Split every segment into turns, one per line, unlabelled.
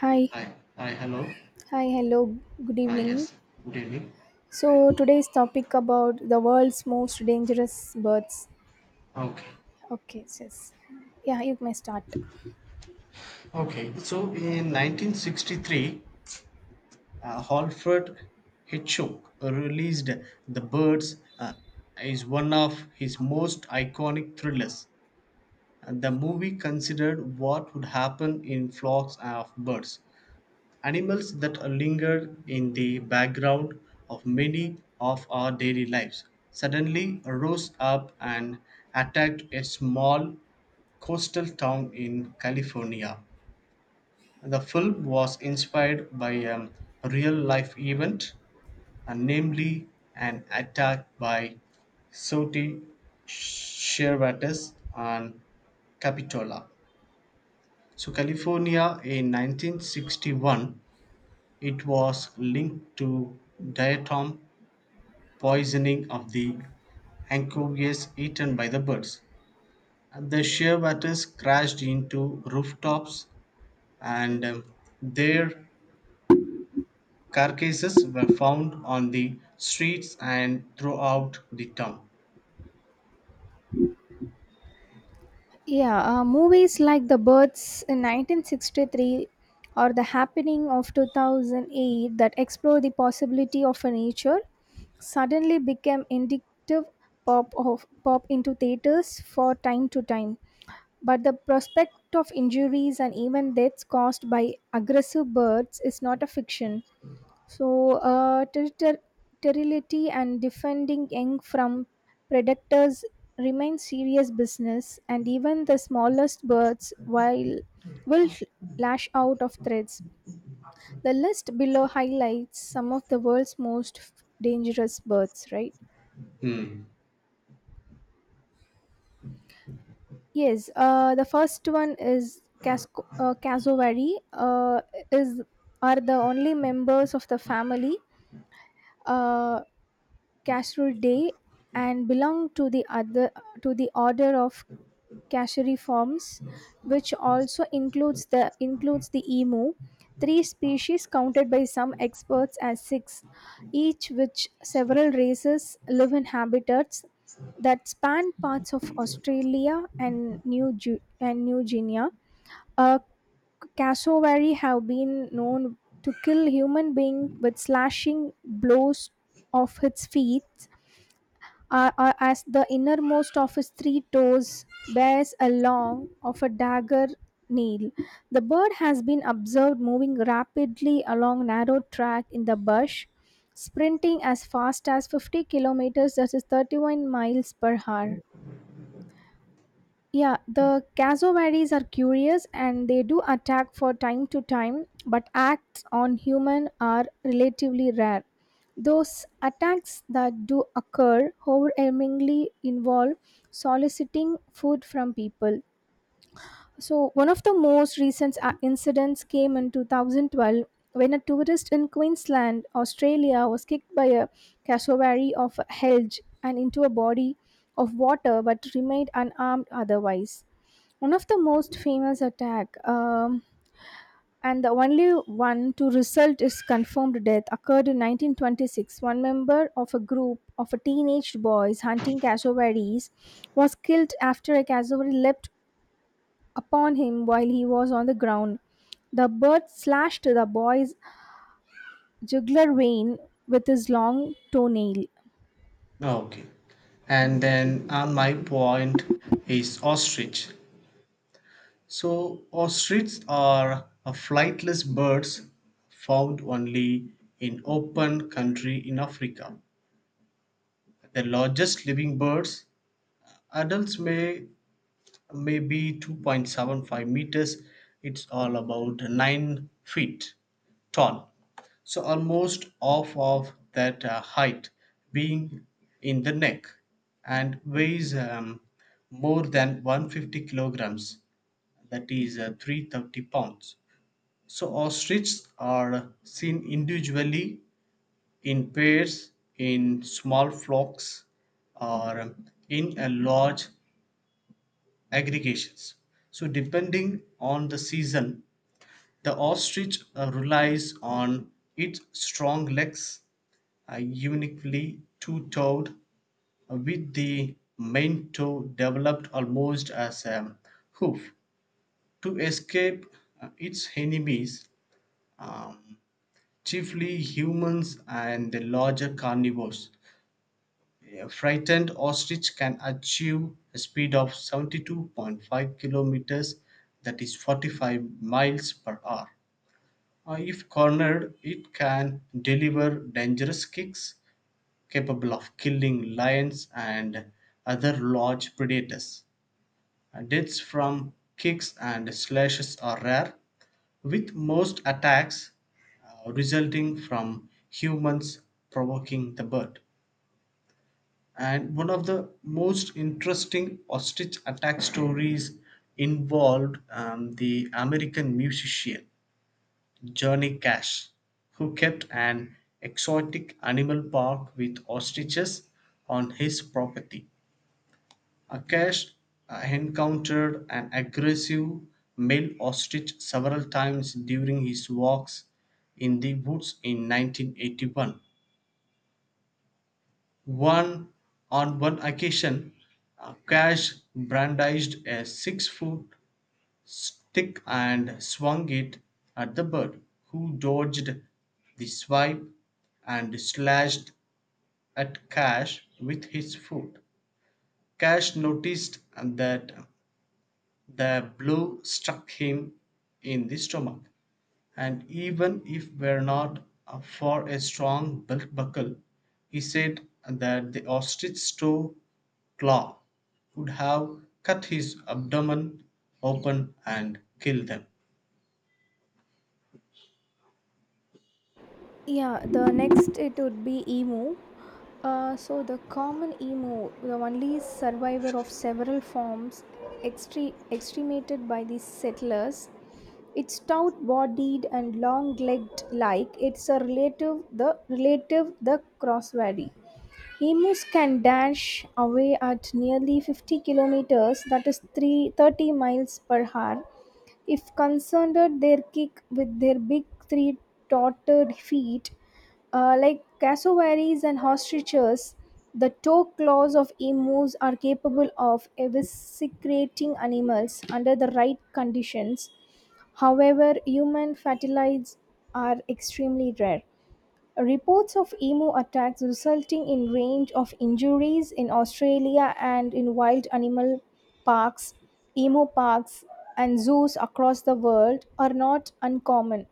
Hi,
Hi, hi, hello.
hi, hello, good
Ah,
evening.
yes, good evening.
So today's topic about the world's most dangerous birds.
Okay,
Okay, yes. Yeah, you may start.
okay. So in 1963, Alfred Hitchcock released The Birds, is one of his most iconic thrillers. And the movie considered what would happen in flocks of birds, animals that linger in the background of many of our daily lives, suddenly rose up and attacked a small coastal town in California. The film was inspired by a real life event, namely an attack by Saudi Shearwaters on Capitola. So, California in 1961, it was linked to diatom poisoning of the anchovies eaten by the birds. And the shearwaters crashed into rooftops, and their carcasses were found on the streets and throughout the town.
Yeah, movies like The Birds in 1963 or The Happening of 2008 that explore the possibility of a nature suddenly became indicative pop of pop into theaters for time to time. But the prospect of injuries and even deaths caused by aggressive birds is not a fiction. So, sterility and defending young from predators remain serious business, and even the smallest birds while will lash out of threats. The list below highlights some of the world's most dangerous birds, right?
Hmm.
Yes, the first one is Cassowary. Is are the only members of the family uh, Cassuridae and belong to the other to the order of Cassuriformes, which also includes the emu. Three species counted by some experts as six, each which several races live in habitats that span parts of Australia and and New Guinea. uh, Cassowary have been known to kill human beings with slashing blows of its feet, as the innermost of its three toes bears a long of a dagger nail. The bird has been observed moving rapidly along narrow track in the bush, sprinting as fast as 50 kilometers, that is 31 miles per hour. Yeah, the cassowaries are curious and they do attack for time to time, but acts on human are relatively rare. Those attacks that do occur overwhelmingly involve soliciting food from people. So, one of the most recent incidents came in 2012 when a tourist in Queensland, Australia, was kicked by a cassowary of a helge and into a body of water but remained unharmed otherwise. One of the most famous attack, and the only one to result is confirmed death occurred in 1926. One member of a group of teenage boys hunting cassowaries was killed after a cassowary leapt upon him while he was on the ground. The bird slashed the boy's jugular vein with his long toenail.
Okay. And then on my point is ostrich. So ostriches are a flightless birds found only in open country in Africa. The largest living birds, adults may be 2.75 meters. It's all about 9 feet tall. So almost half of that height being in the neck and weighs more than 150 kilograms. That is 330 pounds. So ostriches are seen individually, in pairs, in small flocks, or in a large aggregations. So depending on the season, the ostrich relies on its strong legs, uniquely two-toed, with the main toe developed almost as a hoof to escape its enemies. Um, Chiefly humans and the larger carnivores. A frightened ostrich can achieve a speed of 72.5 kilometers, that is 45 miles per hour. If cornered, it can deliver dangerous kicks capable of killing lions and other large predators. Deaths from kicks and slashes are rare, with most attacks resulting from humans provoking the bird. And one of the most interesting ostrich attack stories involved the American musician Johnny Cash, who kept an exotic animal park with ostriches on his property. Akash encountered an aggressive male ostrich several times during his walks in the woods in 1981. One on one occasion, Akash brandished a 6-foot stick and swung it at the bird, who dodged the swipe and slashed at Cash with his foot. Cash noticed that the blow struck him in the stomach, and even if were not for a strong belt buckle, he said that the ostrich's toe claw would have cut his abdomen open and killed them.
Yeah, the next it would be emu. So the common emu, the only survivor of several forms extremated by the settlers, its stout-bodied and long-legged like its a relative the crosswary. Emus can dash away at nearly 50 kilometers, that is 3, 30 miles per hour, if concerned their kick with their big three tottered feet. Like cassowaries and ostriches, the toe claws of emus are capable of eviscerating animals under the right conditions. However, human fatalities are extremely rare. Reports of emu attacks resulting in range of injuries in Australia and in wild animal parks, emu parks and zoos across the world are not uncommon.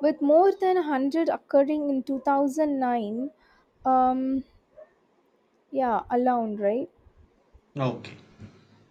With more than 100 occurring in 2009, um yeah, alone, right?
Okay.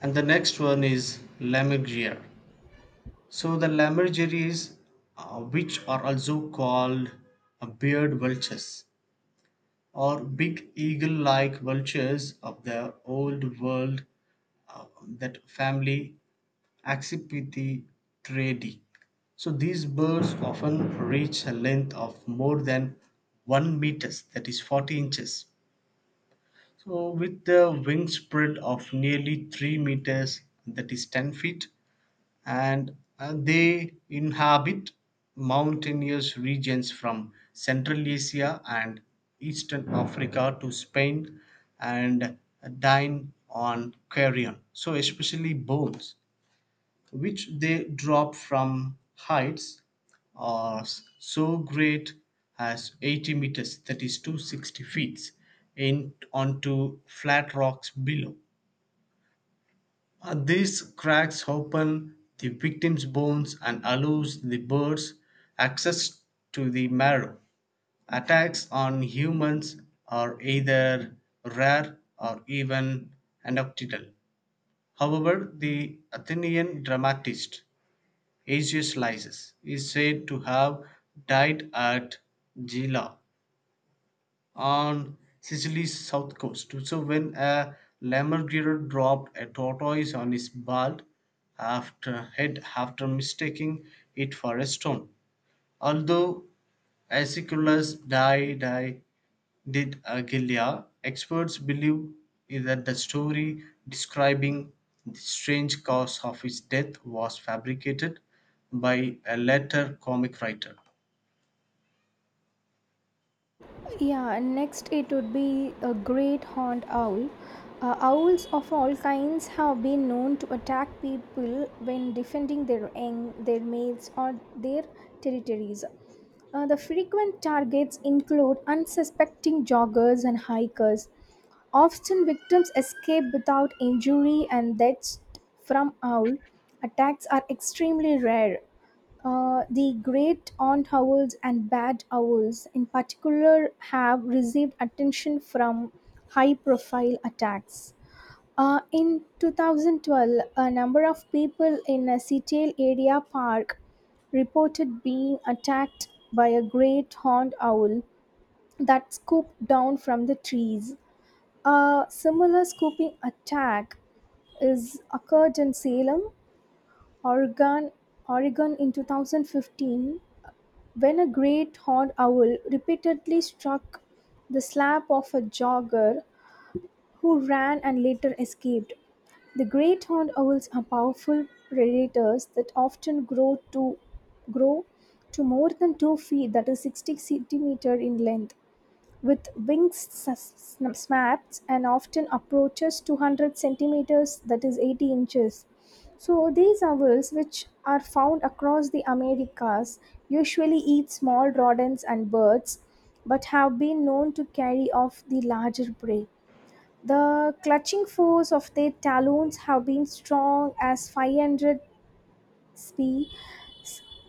And the next one is Lammergeier. So the lammergeiers, which are also called beard vultures, or big eagle like vultures of the old world, uh, that family Accipitridae. So these birds often reach a length of more than 1 meters, that is 40 inches. So with the wingspread of nearly 3 meters, that is 10 feet, and they inhabit mountainous regions from Central Asia and Eastern Africa to Spain and dine on carrion, so especially bones, which they drop from heights are so great as 80 meters, that is 260 feet, in, onto flat rocks below. These cracks open the victim's bones and allows the birds access to the marrow. Attacks on humans are either rare or even anecdotal. However, the Athenian dramatist Asius Lysis is said to have died at Gela on Sicily's south coast. So when a lammergeier dropped a tortoise on his bald after head after mistaking it for a stone. Although Aeschylus died, die did Agilia, experts believe that the story describing the strange cause of his death was fabricated by a later comic writer.
Yeah, and next it would be a great horned owl. Owls of all kinds have been known to attack people when defending their young, their mates, or their territories. The frequent targets include unsuspecting joggers and hikers. Often, victims escape without injury, and deaths from owl attacks are extremely rare. The great aunt owls and bad owls, in particular, have received attention from high profile attacks. In 2012, a number of people in a Seattle area park reported being attacked by a great horned owl that scooped down from the trees. A similar scooping attack is occurred in Salem, Oregon, Oregon in 2015 when a great horned owl repeatedly struck the slab of a jogger who ran and later escaped, the great horned owls are powerful predators that often grow to more than 2 feet that is 60 centimeters in length with wings snapped and often approaches 200 centimeters, that is 80 inches. So these owls, which are found across the Americas, usually eat small rodents and birds, but have been known to carry off the larger prey. The clutching force of their talons have been strong as 500 sp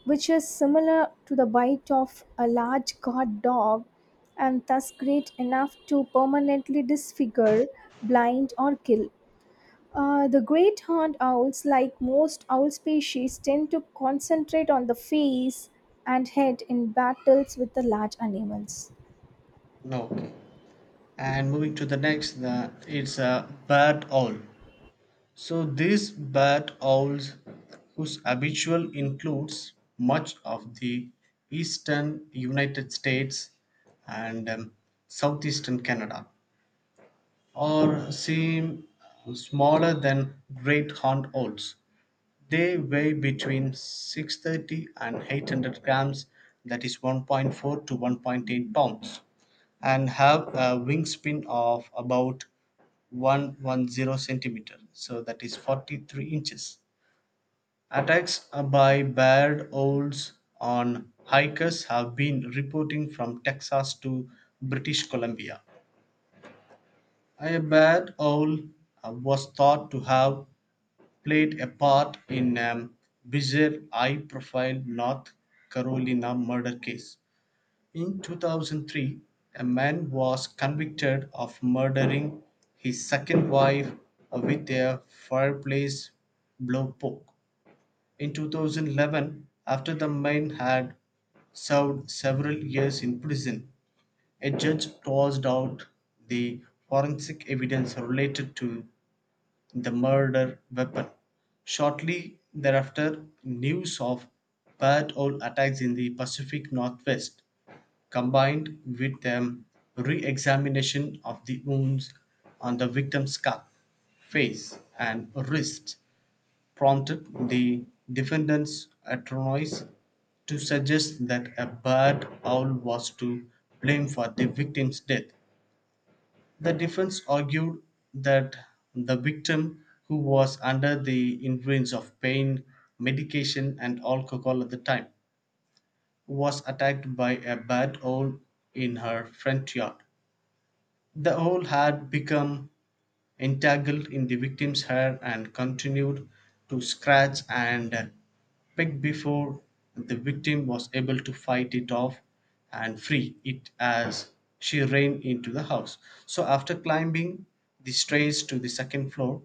which is similar to the bite of a large guard dog and thus great enough to permanently disfigure, blind, or kill. The great horned owls, like most owl species, tend to concentrate on the face and head in battles with the large animals.
No. Okay. And moving to the next it's a bad owl. So these bad owls whose habitual includes much of the Eastern United States and Southeastern Canada or seem smaller than great horned owls, they weigh between 630 and 800 grams, that is 1.4 to 1.8 pounds, and have a wingspan of about 110 centimeter, so that is 43 inches. Attacks by barred owls on hikers have been reporting from Texas to British Columbia. A barred owl was thought to have played a part in a bizarre, high profile North Carolina murder case. In 2003, a man was convicted of murdering his second wife with a fireplace blowtorch. In 2011, after the man had served several years in prison, a judge tossed out the forensic evidence related to the murder weapon. Shortly thereafter, news of bad old attacks in the Pacific Northwest combined with the re examination of the wounds on the victim's scalp, face, and wrist prompted the defendant's attorneys to suggest that a bad owl was to blame for the victim's death. The defense argued that the victim, who was under the influence of pain medication and alcohol at the time, was attacked by a bad owl in her front yard. The whole had become entangled in the victim's hair and continued to scratch and peck before the victim was able to fight it off and free it as she ran into the house. So, after climbing the stairs to the second floor,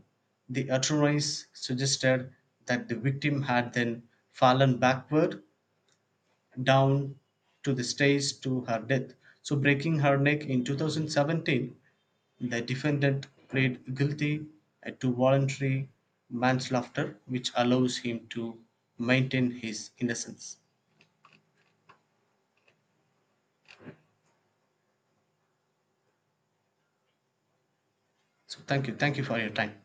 the attorneys suggested that the victim had then fallen backward down to the stairs to her death. So, breaking her neck in 2017, the defendant pleaded guilty to voluntary manslaughter, which allows him to maintain his innocence. So, thank you. Thank you for your time.